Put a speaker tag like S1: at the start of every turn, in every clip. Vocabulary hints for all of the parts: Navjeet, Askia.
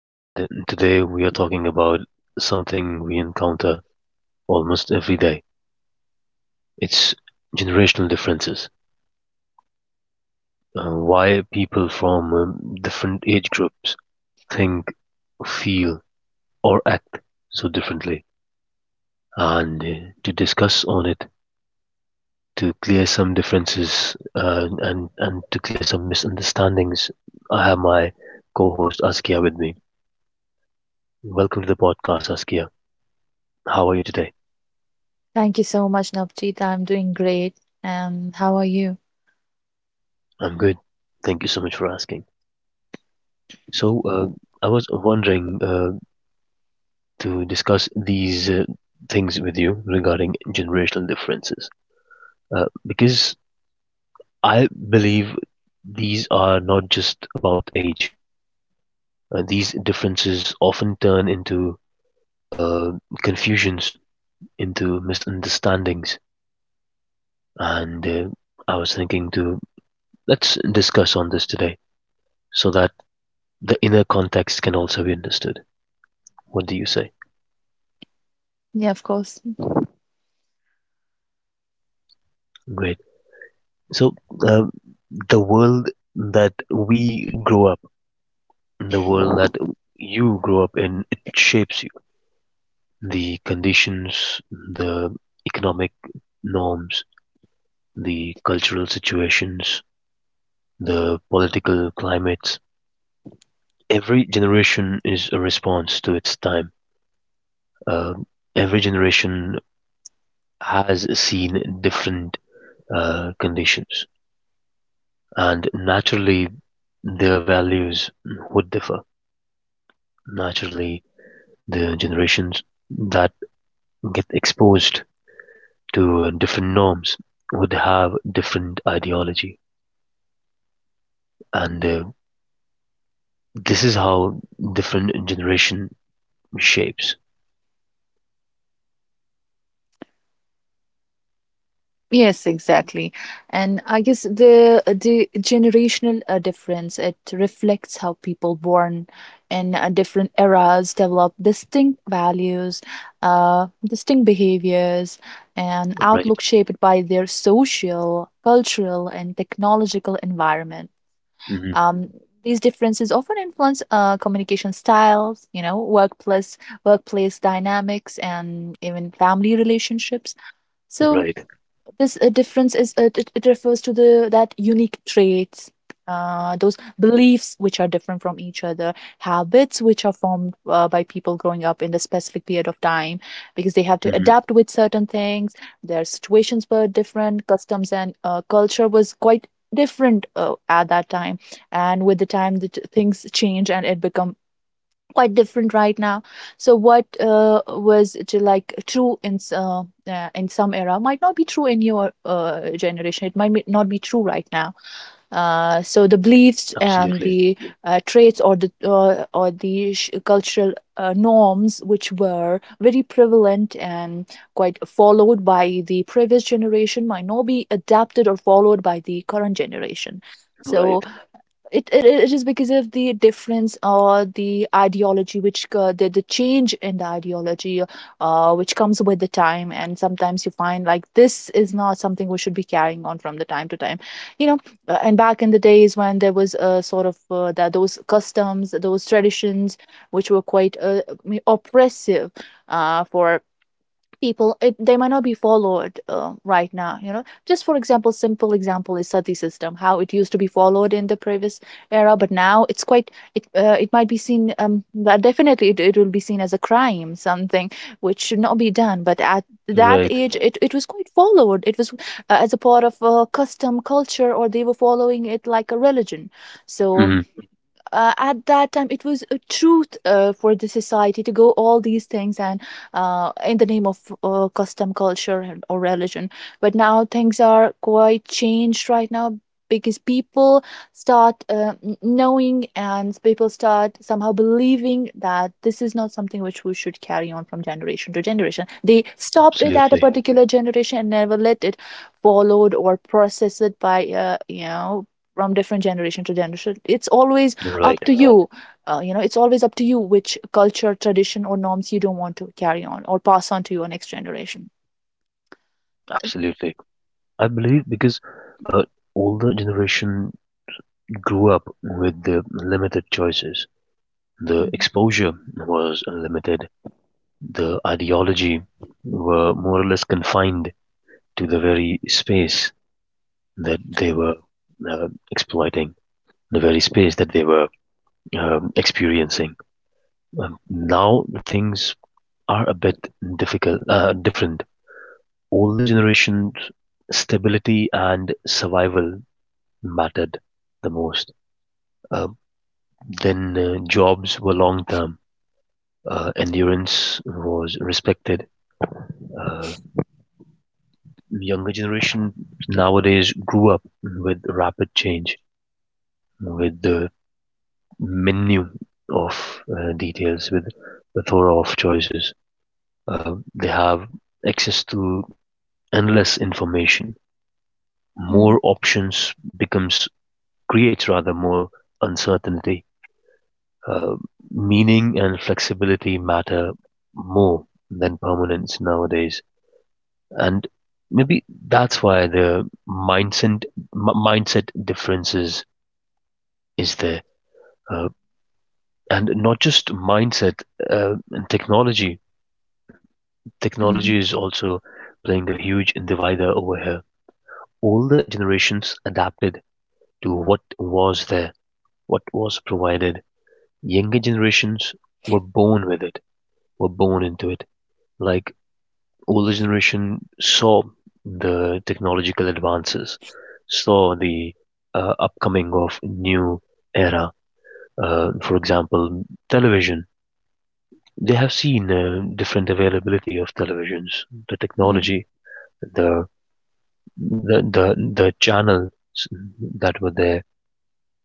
S1: and today we are talking about something we encounter almost every day. It's generational differences. Why people from different age groups think, feel, or act so differently. And to discuss on it, to clear some differences, and to clear some misunderstandings, I have my co host Askia with me. Welcome to the podcast, Askia. How are you today?
S2: Thank you so much, Navjeet. I'm doing great. And how are you?
S1: I'm good. Thank you so much for asking. So, I was wondering to discuss these things with you regarding generational differences, because I believe these are not just about age. These differences often turn into uh, confusions, into misunderstandings, and I was thinking to let's discuss on this today so that the inner context can also be understood. What do you say?
S2: Yeah, of course.
S1: Great. So uh, the world that we grow up, the world that you grow up in, it shapes you. The conditions, the economic norms, the cultural situations, the political climates. Every generation is a response to its time. Uh, every generation has seen different conditions, and naturally, their values would differ. Naturally, the generations that get exposed to different norms would have different ideology, and this is how different generation shapes.
S2: Yes, exactly. And I guess the generational difference, it reflects how people born in different eras develop distinct values, distinct behaviors, and outlook
S1: Right.
S2: shaped by their social, cultural, and technological environment.
S1: Hmm.
S2: Um, these differences often influence communication styles, you know, workplace dynamics, and even family relationships. So
S1: Right.
S2: this difference is it refers to the that unique traits, those beliefs which are different from each other, habits which are formed by people growing up in the specific period of time because they have to
S1: Hmm.
S2: adapt with certain things. Their situations were different, customs and culture was quite different at that time, and with the time things change and it become quite different right now. So what was to like true in in some era might not be true in your generation. It not be true right now. So the beliefs and
S1: Absolutely.
S2: the traits, or the cultural norms which were very prevalent and quite followed by the previous generation might not be adapted or followed by the current generation. So
S1: Right.
S2: it it is because of the difference or the ideology which the change in the ideology which comes with the time. And sometimes you find like this is not something we should be carrying on from the time to time, you know. And back in the days when there was a sort of that, those customs, those traditions which were quite oppressive for people, they might not be followed right now, you know. Just for example, simple example is sati system, how it used to be followed in the previous era. But now it's quite, it might be seen, um, but definitely it will be seen as a crime, something which should not be done. But at that
S1: Right.
S2: age, it was quite followed. It was as a part of custom, culture, or they were following it like a religion. So
S1: Hmm.
S2: at that time it was a truth for the society to go all these things, and in the name of custom, culture, and or religion. But now things are quite changed right now because people knowing, and people start somehow believing that this is not something which we should carry on from generation to generation. They stopped it at a
S1: Absolutely.
S2: particular generation and never let it followed or processed by, you know, from different generation to generation. It's always up
S1: Right.
S2: to you, you know, it's always up to you which culture, tradition, or norms you don't want to carry on or pass on to your next generation.
S1: Absolutely. I believe because uh, older generation grew up with the limited choices. The
S2: Mhm.
S1: exposure was limited. The ideology were more or less confined to the very space that they were exploiting, the very space that they were experiencing. Now things are a bit difficult, different. Older generations, stability and survival mattered the most. Uh, then jobs were long term. Endurance was respected. Uh, younger generation nowadays grew up with rapid change, with the menu of details, with the plethora of choices. They have access to endless information. More
S2: Mhm.
S1: options becomes creates rather more uncertainty. Uh, meaning and flexibility matter more than permanence nowadays, and maybe that's why the mindset differences is there. Uh, and not just mindset and technology.
S2: Mhm.
S1: Technology is also playing a huge divider over here. Older generations adapted to what was there, what was provided. Younger generations were born with it, were born into it. Like older generation saw the technological advances, saw the upcoming of new era. For example, television they have seen different availability of televisions, the
S2: Mhm.
S1: technology, the the the, the channels that were there.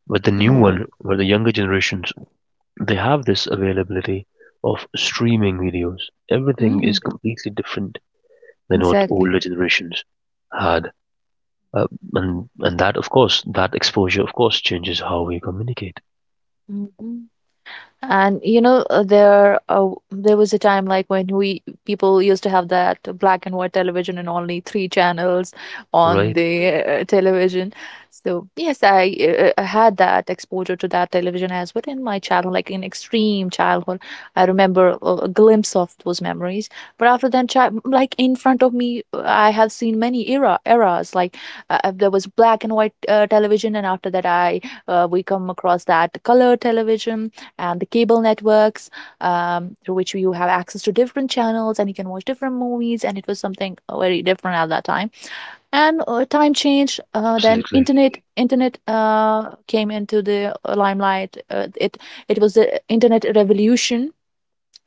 S1: But the new one,
S2: Mhm.
S1: where the younger generations, they have this availability of streaming videos. Everything is
S2: Mhm.
S1: completely different than what
S2: Exactly.
S1: older generations had, uh, and that of course, that exposure of course changes how we communicate.
S2: Mhm. And you know, there was a time like when we people used to have that black and white television and only 3 channels on
S1: Right?
S2: the television. So yes, I had that exposure to that television as well in my childhood, like in extreme childhood. I remember a glimpse of those memories. But after that, child, like in front of me, I have seen many eras. Like there was black and white television, and after that, I we come across that color television and the cable networks, through which you have access to different channels and you can watch different movies, and it was something very different at that time. And time changed. Then
S1: Absolutely.
S2: internet came into the limelight. It was the internet revolution,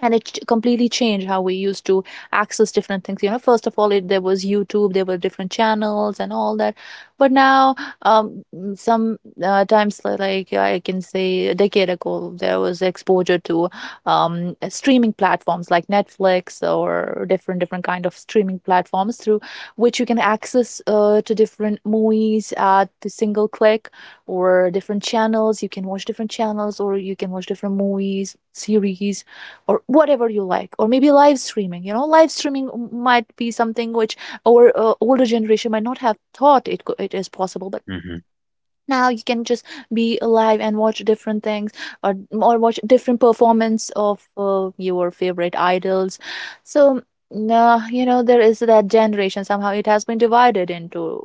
S2: and it completely changed how we used to access different things, you know. First of all, there was YouTube, there were different channels and all that. But now, some times, like I can say a decade ago, there was exposure to, streaming platforms like Netflix or different kind of streaming platforms through which you can access to different movies at the single click, or different channels. You can watch different channels or you can watch different movies, series, or whatever you like. Or maybe live streaming, you know, live streaming might be something which our older generation might not have thought it is possible. But
S1: Hmm.
S2: now you can just be alive and watch different things, or watch different performance of your favorite idols. So nah, you know, there is that generation, somehow it has been divided into,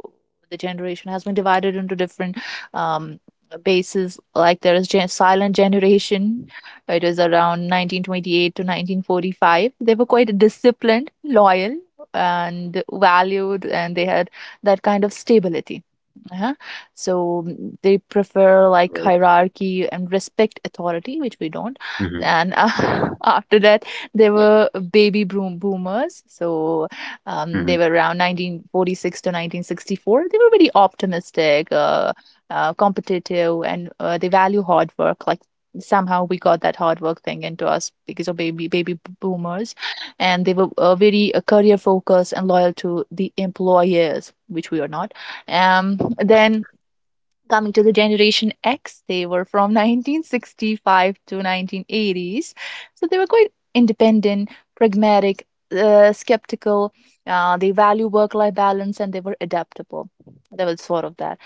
S2: the generation has been divided into different, um, bases. Like there is silent generation. It is around 1928 to 1945. They were quite disciplined, loyal, and valued, and they had that kind of stability. Uh-huh. So mm, they prefer like
S1: Right.
S2: hierarchy and respect authority, which we don't.
S1: Hmm.
S2: And after that, they were baby boom boomers. So
S1: Hmm.
S2: they were around 1946 to 1964. They were very optimistic, competitive, and they value hard work. Like somehow we got that hard work thing into us because of baby boomers, and they were very career focused and loyal to the employers, which we are not. Um, then coming to the generation X, they were from 1965 to 1980s. So they were quite independent, pragmatic, skeptical. They value work life balance, and they were adaptable. There was sort of that.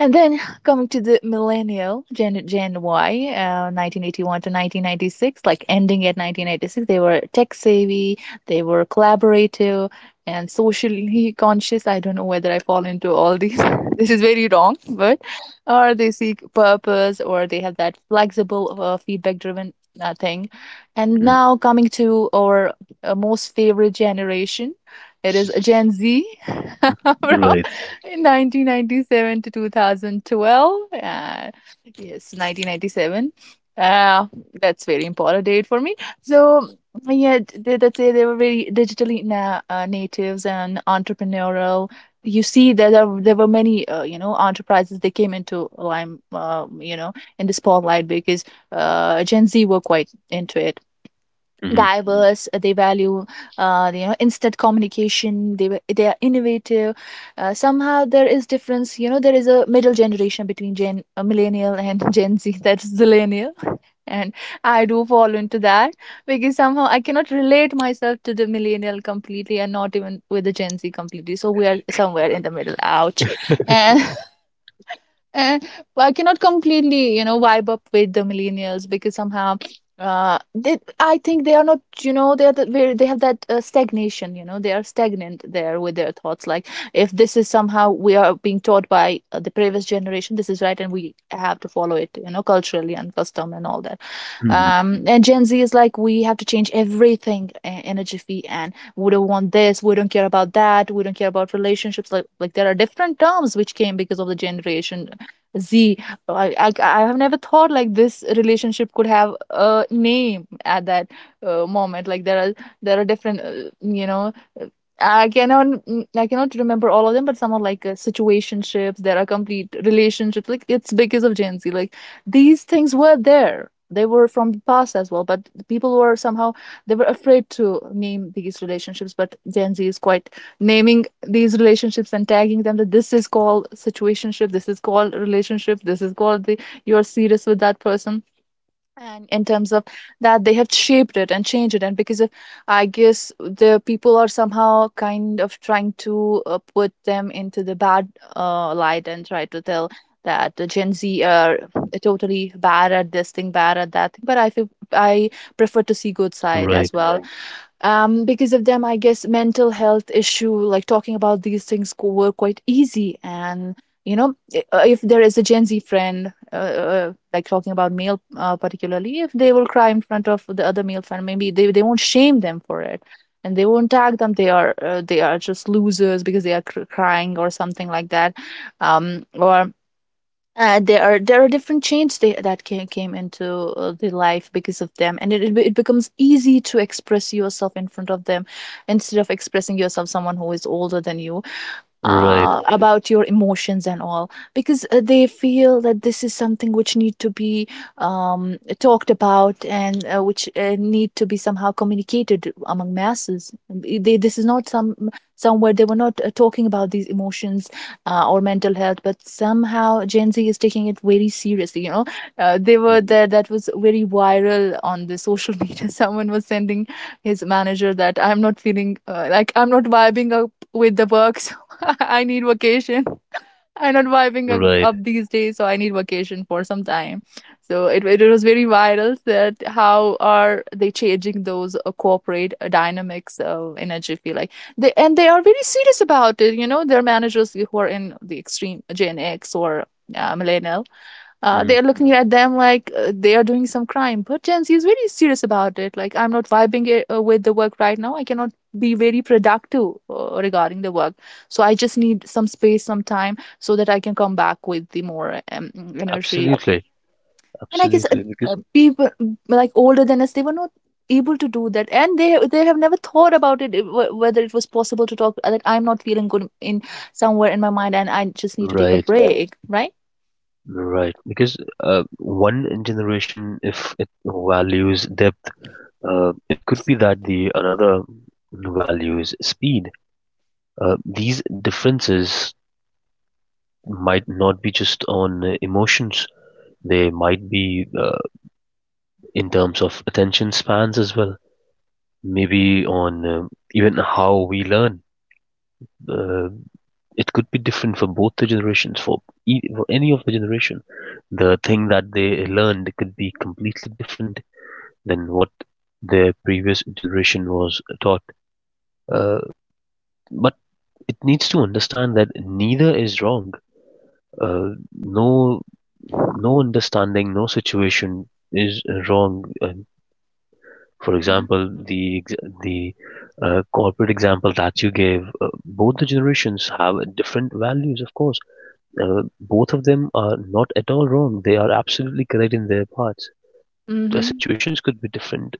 S2: And then coming to the millennial, Gen Y, 1981 to 1996, like ending at 1996, they were tech savvy, they were collaborative, and socially conscious. I don't know whether I fall into all these. This is very wrong, but, or they seek purpose, or they have that flexible, feedback-driven thing. And
S1: Hmm.
S2: now coming to our most favorite generation, it is Gen Z. From
S1: Right.
S2: in 1997 to 2012. Yes, 1997. Uh, that's very important date for me. So yeah, they, that say they were very digitally na natives and entrepreneurial. You see that there were many, you know, enterprises, they came into you know, in the spotlight because Gen Z were quite into it.
S1: Hmm.
S2: Diverse, they value, you know, instant communication. They are innovative. Somehow there is difference, you know. There is a middle generation between gen millennial and Gen Z, that's zillennial. And I do fall into that, because somehow I cannot relate myself to the millennial completely and not even with the Gen Z completely. So we are somewhere in the middle. Ouch. And and I cannot completely, you know, vibe up with the millennials, because somehow they, I think they are not, you know, they are the, where they have that stagnation, you know. They are stagnant there with their thoughts. Like, if this is somehow we are being taught by the previous generation, this is right, and we have to follow it, you know, culturally and custom and all that.
S1: Hmm.
S2: Um, and Gen Z is like we have to change everything in a jiffy, and we don't want this, we don't care about that, we don't care about relationships. Like there are different terms which came because of the generation Z. I have never thought like this relationship could have a name at that moment. Like there are, there are different you know, uh, I cannot, I cannot remember all of them, but some are like situationships. There are complete relationships. Like, it's because of Gen Z. Like, these things were there, they were from the past as well, but the people were somehow, they were afraid to name these relationships. But Gen Z is quite naming these relationships and tagging them, that this is called situationship, this is called relationship, this is called the you're serious with that person. And in terms of that, they have shaped it and changed it. And because of, I guess, the people are somehow kind of trying to put them into the bad light and try to tell that the Gen Z are totally bad at this thing, bad at that thing. But I feel I prefer to see good side as
S1: Right.
S2: well. Because of them, I guess, mental health issue, like talking about these things were quite easy. And you know, if there is a Gen Z friend, like talking about male, particularly if they will cry in front of the other male friend, maybe they won't shame them for it. And they won't tag them they are just losers because they are crying or something like that. Or there are different chains that came into the life because of them. And it becomes easy to express yourself in front of them instead of expressing yourself someone who is older than you
S1: Right.
S2: about your emotions and all. Because they feel that this is something which need to be talked about and which need to be somehow communicated among masses. This is not some, somewhere they were not talking about these emotions or mental health. But somehow Gen Z is taking it very seriously, you know. They were
S1: Mhm.
S2: there, that was very viral on the social media. Someone was sending his manager that I'm not feeling, like I'm not vibing up with the work. I need vacation. I'm not vibing up
S1: Right.
S2: up these days, so I need vacation for some time. So it was very viral, that how are they changing those corporate dynamics of energy feel like they, and they are very serious about it. You know, their managers who are in the extreme Gen X or millennial, they
S1: Mhm.
S2: are looking at them like they are doing some crime. But Gen Z is very serious about it. Like, I'm not vibing it, with the work right now. I cannot be very productive regarding the work. So I just need some space, some time, so that I can come back with the more energy.
S1: Absolutely.
S2: And I guess
S1: Absolutely. Because
S2: people, like older than us, they were not able to do that, and they have never thought about it, whether it was possible to talk, that I'm not feeling good in somewhere in my mind and I just need to take a
S1: right,
S2: break, right.
S1: right. Because one generation, if it values depth, it could be that the another values speed. These differences might not be just on emotions. They might be in terms of attention spans as well. Maybe on even how we learn. Uh, it could be different for both the generations for any of the generation the thing that they learned could be completely different than what their previous generation was taught, uh, but it needs to understand that neither is wrong, uh, no, no understanding, no situation is wrong. And for
S2: Mhm.
S1: example, the corporate example that you gave, both the generations have different values of course. Both of them are not at all wrong. They are absolutely correct in their parts. The situations could be different.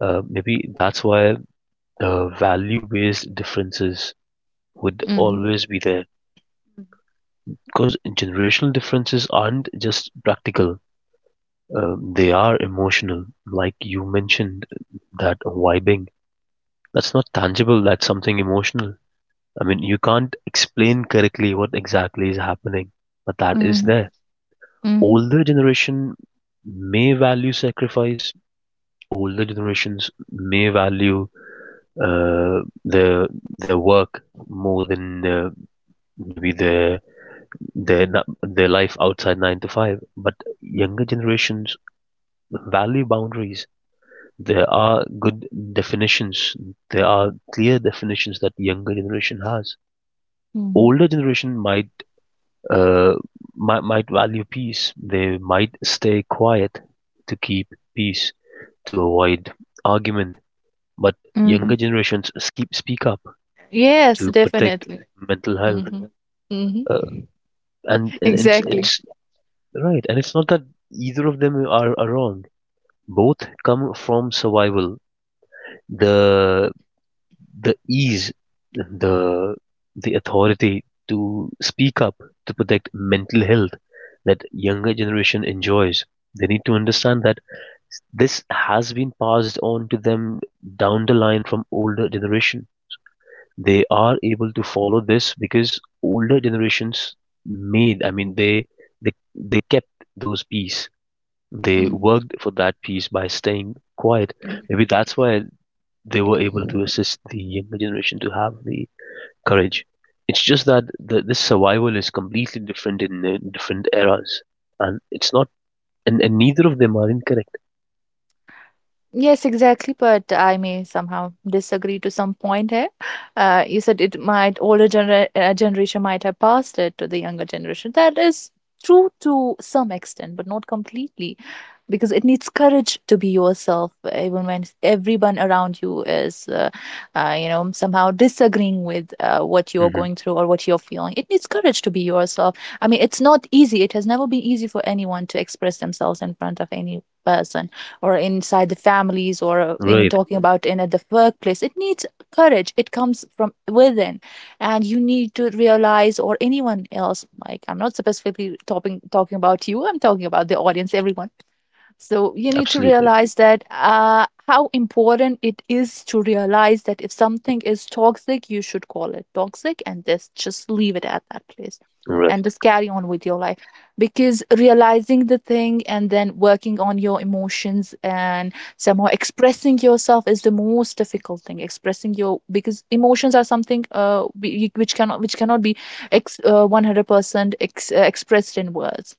S1: Maybe that's why value based differences would
S2: Mm-hmm.
S1: always be there. Because generational differences aren't just practical, they are emotional. Like you mentioned, that vibing. That's not tangible, that's something emotional. I mean, you can't explain correctly what exactly is happening, but that is
S2: Mhm,
S1: there.
S2: mhm,
S1: Older generation may value sacrifice. Older generations may value uh, their their work more than maybe their their life outside 9 to 5, but younger generations value boundaries. There are good definitions, there are clear definitions that younger generation has.
S2: mhm,
S1: Older generation uh, might value peace. They might stay quiet to keep peace, to avoid argument, but
S2: mhm.
S1: younger generations keep speak up
S2: Yes,
S1: to protect
S2: definitely.
S1: mental health.
S2: Mhm,
S1: Uh,
S2: mhm.
S1: and it's
S2: Exactly.
S1: it's right, and it's not that either of them are wrong. Both come from survival. The the ease, the the authority to speak up to protect mental health that younger generation enjoys. They need to understand that this has been passed on to them down the line from older generation. They are able to follow this because older generations made, I mean, they they kept those peace. They
S2: Mhm.
S1: worked for that peace by staying quiet.
S2: Mm.
S1: Maybe that's why they were able to assist the younger generation to have the courage. It's just that this survival is completely different in the different eras, and it's not, and neither of them are incorrect.
S2: Yes, exactly. But I may somehow disagree to some point here. You said it might, older generation might have passed it to the younger generation. That is true to some extent, but not completely. Because it needs courage to be yourself even when everyone around you is you know, somehow disagreeing with what you're
S1: Hmm.
S2: going through or what you're feeling. It needs courage to be yourself. I mean, it's not easy, it has never been easy for anyone to express themselves in front of any person or inside the families or even
S1: Right,
S2: talking about in at the workplace. It needs courage, it comes from within. And you need to realize, or anyone else, like I'm not specifically talking about you, I'm talking about the audience, everyone. So you need to
S1: absolutely.
S2: realize that how important it is to realize that if something is toxic, you should call it toxic and this just leave it at that place and
S1: Right,
S2: just carry on with your life. Because realizing the thing and then working on your emotions and somehow expressing yourself is the most difficult thing. Expressing your, because emotions are something which cannot, which cannot be ex 100% ex expressed in words,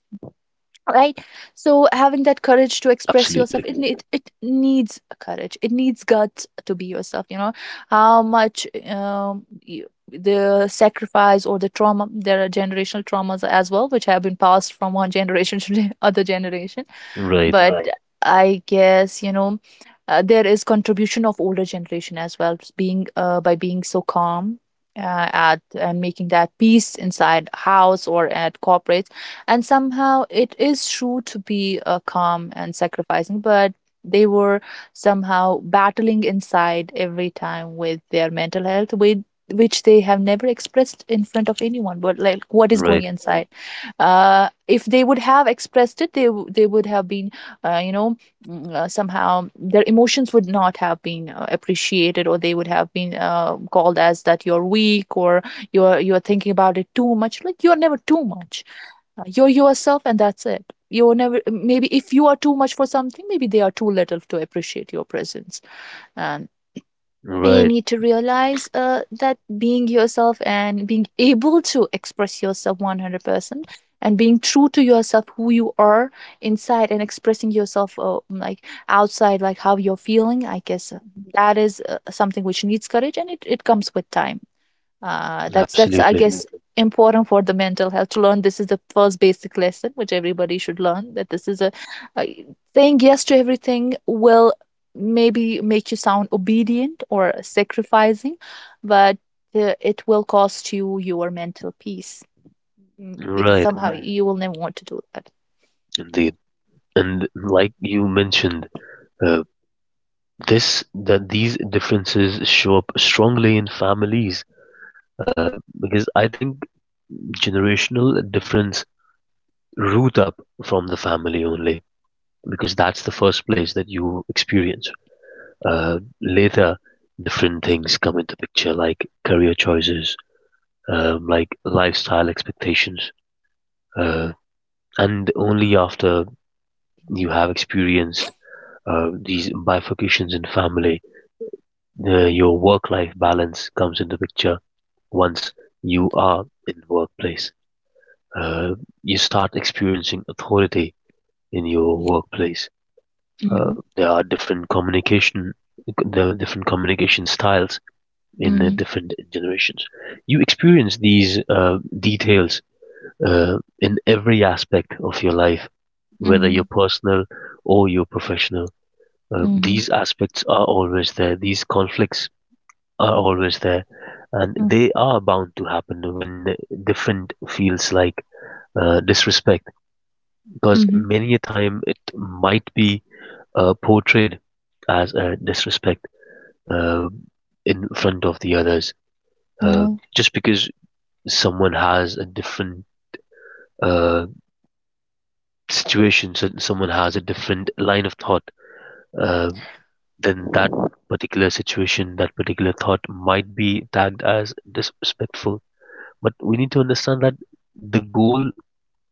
S2: right. So having that courage to express yourself,
S1: absolutely.
S2: it needs courage, it needs guts to be yourself, you know. How much the sacrifice or the trauma, there are generational traumas as well which have been passed from one generation to the other generation.
S1: Right,
S2: But Right. I guess, you know, there is contribution of older generation as well, being by being so calm at and making that peace inside house or at corporate. And somehow it is true to be calm and sacrificing, but they were somehow battling inside every time with their mental health, with which they have never expressed in front of anyone, but like what is going,
S1: right,
S2: Right, inside. If they would have expressed it, they would have been you know, somehow their emotions would not have been appreciated, or they would have been called as that you're weak, or you're thinking about it too much, like you're never too much. You're yourself and that's it. You're never, maybe if you are too much for something, maybe they are too little to appreciate your presence. And you
S1: right,
S2: need to realize that being yourself and being able to express yourself 100% and being true to yourself who you are inside, and expressing yourself like outside, like how you're feeling, I guess that is something which needs courage, and it comes with time. That's I
S1: absolutely.
S2: guess, Absolutely, important for the mental health to learn. This is the first basic lesson which everybody should learn, that this is a, saying yes to everything will maybe make you sound obedient or sacrificing, but it will cost you your mental peace. Because
S1: Right.
S2: somehow, Right, you will never want to do that.
S1: Indeed, and like you mentioned, uh, this that these differences show up strongly in families, uh, because I think generational difference root up from the family only because that's the first place that you experience. Later, different things come into picture like career choices, like lifestyle expectations, uh, and only after you have experienced these bifurcations in family your work-life balance comes into picture once you are in the workplace. Uh, you start experiencing authority in your workplace. Uh,
S2: Mm-hmm.
S1: there are different communication, there are different communication styles in the
S2: Mm-hmm.
S1: different generations. You experience these details in every aspect of your life, whether you're
S2: Mm-hmm.
S1: personal or you're professional. Uh,
S2: Mm-hmm.
S1: these aspects are always there. These conflicts are always there and they are bound to happen when different feels like disrespect, because
S2: Mm-hmm.
S1: many a time it might be portrayed as a disrespect uh, in front of the others, uh,
S2: Mm-hmm.
S1: just because someone has a different uh, someone has a different line of thought, uh, then that particular situation, that particular thought might be tagged as disrespectful. But we need to understand that the goal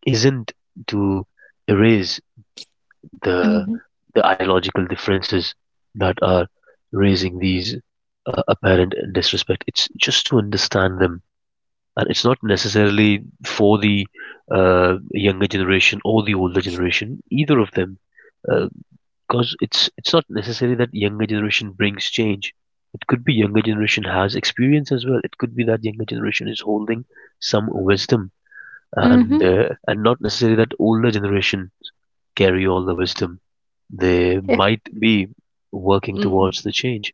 S1: isn't to erase the
S2: Mhm,
S1: ideological differences that are raising these apparent disrespect. It's just to understand them, and it's not necessarily for the younger generation or the older generation, either of them, because it's not necessarily that younger generation brings change. It could be younger generation has experience as well. It could be that younger generation is holding some wisdom, and
S2: mhm.
S1: not necessarily that older generation carry all the wisdom. They
S2: Yeah.
S1: might be working
S2: Mm,
S1: towards the change.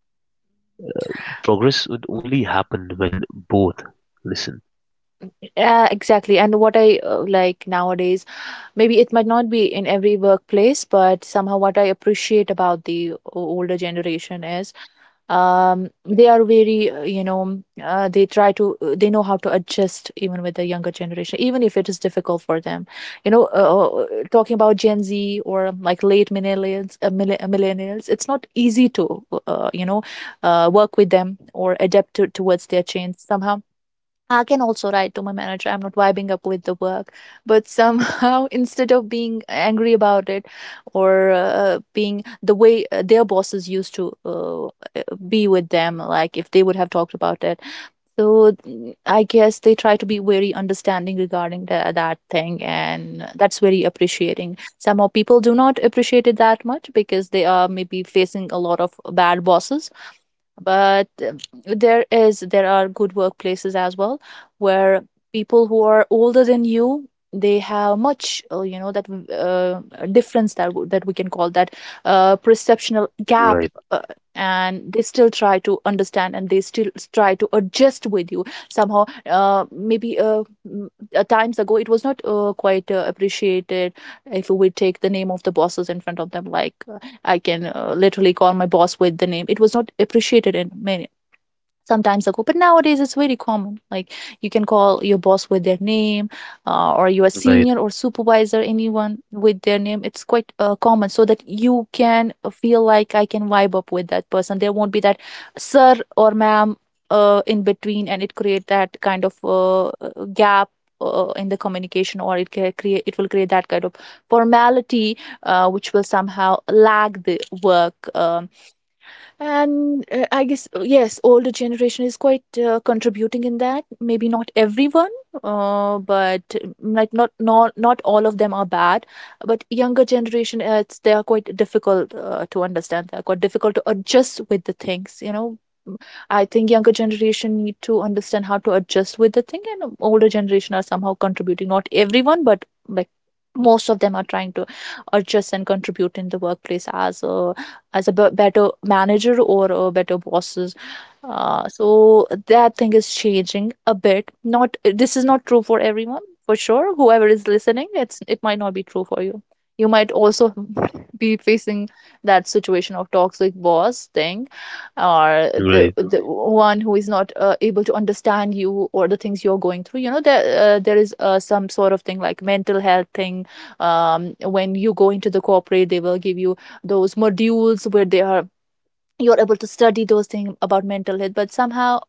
S1: Progress would only happen when both listen.
S2: exactly. And what I like nowadays, maybe it might not be in every workplace, but somehow what I appreciate about the older generation is, they are very you know, they try to they know how to adjust even with the younger generation, even if it is difficult for them. You know, talking about Gen Z, or like late millennials, millennials, it's not easy to you know, work with them or adapt towards their change somehow. I can also write to my manager, I'm not vibing up with the work. But somehow, instead of being angry about it, or being the way their bosses used to be with them, like if they would have talked about it. So I guess they try to be very understanding regarding that thing. And that's very appreciating. Somehow people do not appreciate it that much because they are maybe facing a lot of bad bosses, but there are good workplaces as well, where people who are older than you, they have much you know that difference, that we can call that perceptional gap.
S1: Right,
S2: uh, and they still try to understand, and they still try to adjust with you somehow. Maybe times ago, it was not quite appreciated if we take the name of the bosses in front of them. Like I can literally call my boss with the name. It was not appreciated in many sometimes ago, but nowadays it's very common. Like you can call your boss with their name, or your
S1: right,
S2: senior or supervisor, anyone with their name. It's quite common, so that you can feel like I can vibe up with that person. There won't be that sir or ma'am in between, and it create that kind of gap in the communication. Or it can create, it will create that kind of formality which will somehow lag the work. And I guess yes, older generation is quite contributing in that, maybe not everyone, but like, not all of them are bad. But younger generation, it's, they are quite difficult to understand, they're quite difficult to adjust with the things, you know. Mm, I think younger generation need to understand how to adjust with the thing, and older generation are somehow contributing, not everyone, but like most of them are trying to adjust and contribute in the workplace as a better manager or a better bosses. So that thing is changing a bit. Not, this is not true for everyone, for sure whoever is listening, it might not be true for you. You might also be facing that situation of toxic boss thing, or the
S1: right.
S2: the one who is not able to understand you or the things you're going through, you know. There is some sort of thing, like mental health thing. When you go into the corporate, they will give you those modules where they are you're able to study those things about mental health. But somehow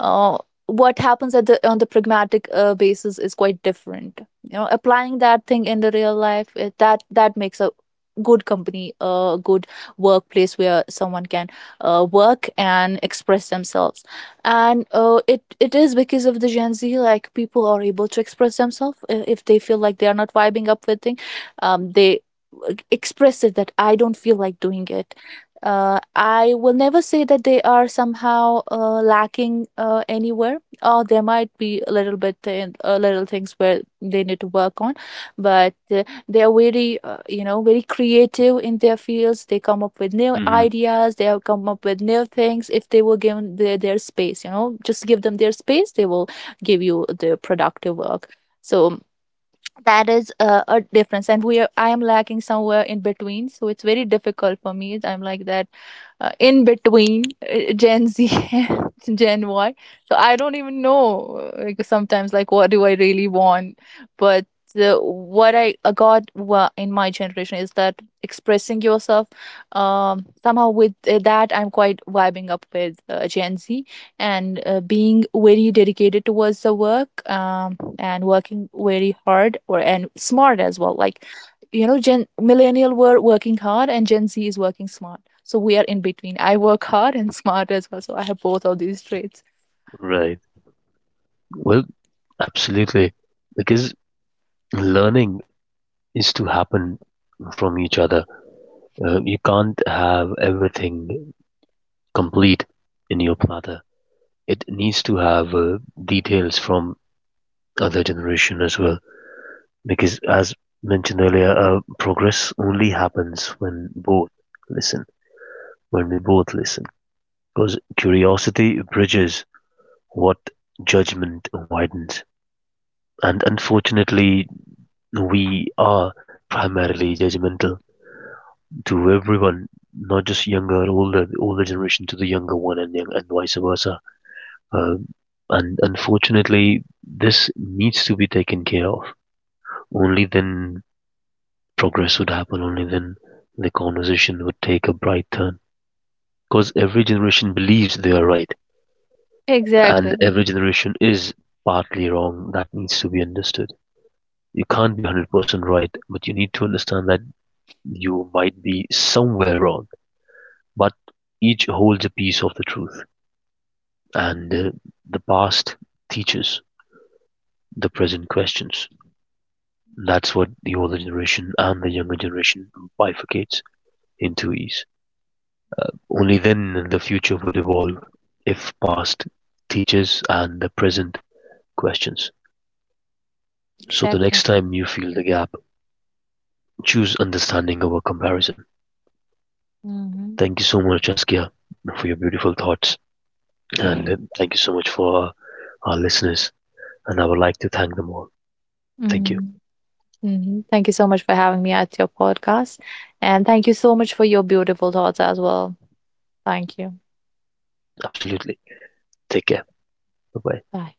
S2: uh, what happens at the, on the pragmatic basis is quite different, you know, applying that thing in the real life, that makes a good company, a good workplace where someone can work and express themselves. And it is because of the Gen Z, like people are able to express themselves, if they feel like they are not vibing up with thing. They express it that I don't feel like doing it. I will never say that they are somehow lacking anywhere. There might be a little bit little things where they need to work on, but they are very you know, very creative in their fields. They come up with new
S1: Hmm.
S2: ideas. They have come up with new things if they were given their space. You know, just give them their space. They will give you the productive work. So that is a difference. And we are I am lacking somewhere in between, so it's very difficult for me. I'm like that, in between, Gen Z and Gen Y. So I don't even know, like sometimes, like what do I really want. But what I got in my generation is that expressing yourself, somehow with that, I'm quite vibing up with Gen Z. And being very dedicated towards the work, and working very hard or and smart as well. Like, you know, Gen millennial were working hard and Gen Z is working smart, so we are in between. I work hard and smart as well, so I have both of these traits.
S1: Right. Well, absolutely, because learning is to happen from each other. You can't have everything complete in your platter. It needs to have details from other generation as well. Because as mentioned earlier, progress only happens when both listen, when we both listen. Because curiosity bridges what judgment widens. And unfortunately, we are primarily judgmental to everyone, not just younger, older, the older generation to the younger one, and young, and vice versa. Uh, and unfortunately, this needs to be taken care of. Only then progress would happen only when the conversation would take a bright turn. Because every generation believes they are right, and
S2: Exactly.
S1: every generation is partly wrong. That needs to be understood. You can't be 100% right, but you need to understand that you might be somewhere wrong. But each holds a piece of the truth, and the past teaches, the present questions. That's what the older generation and the younger generation bifurcates into is. Only then the future would evolve, if past teaches and the present questions. So the
S2: Exactly.
S1: next time you feel the gap, choose understanding over comparison.
S2: Hmm.
S1: Thank you so much, Askia, for your beautiful thoughts. And thank you so much for our listeners. And I would like to thank them all. Thank you.
S2: Mhm, mhm. Thank you so much for having me at your podcast. And thank you so much for your beautiful thoughts as well. Thank you.
S1: Absolutely. Take care. Bye bye.
S2: Bye.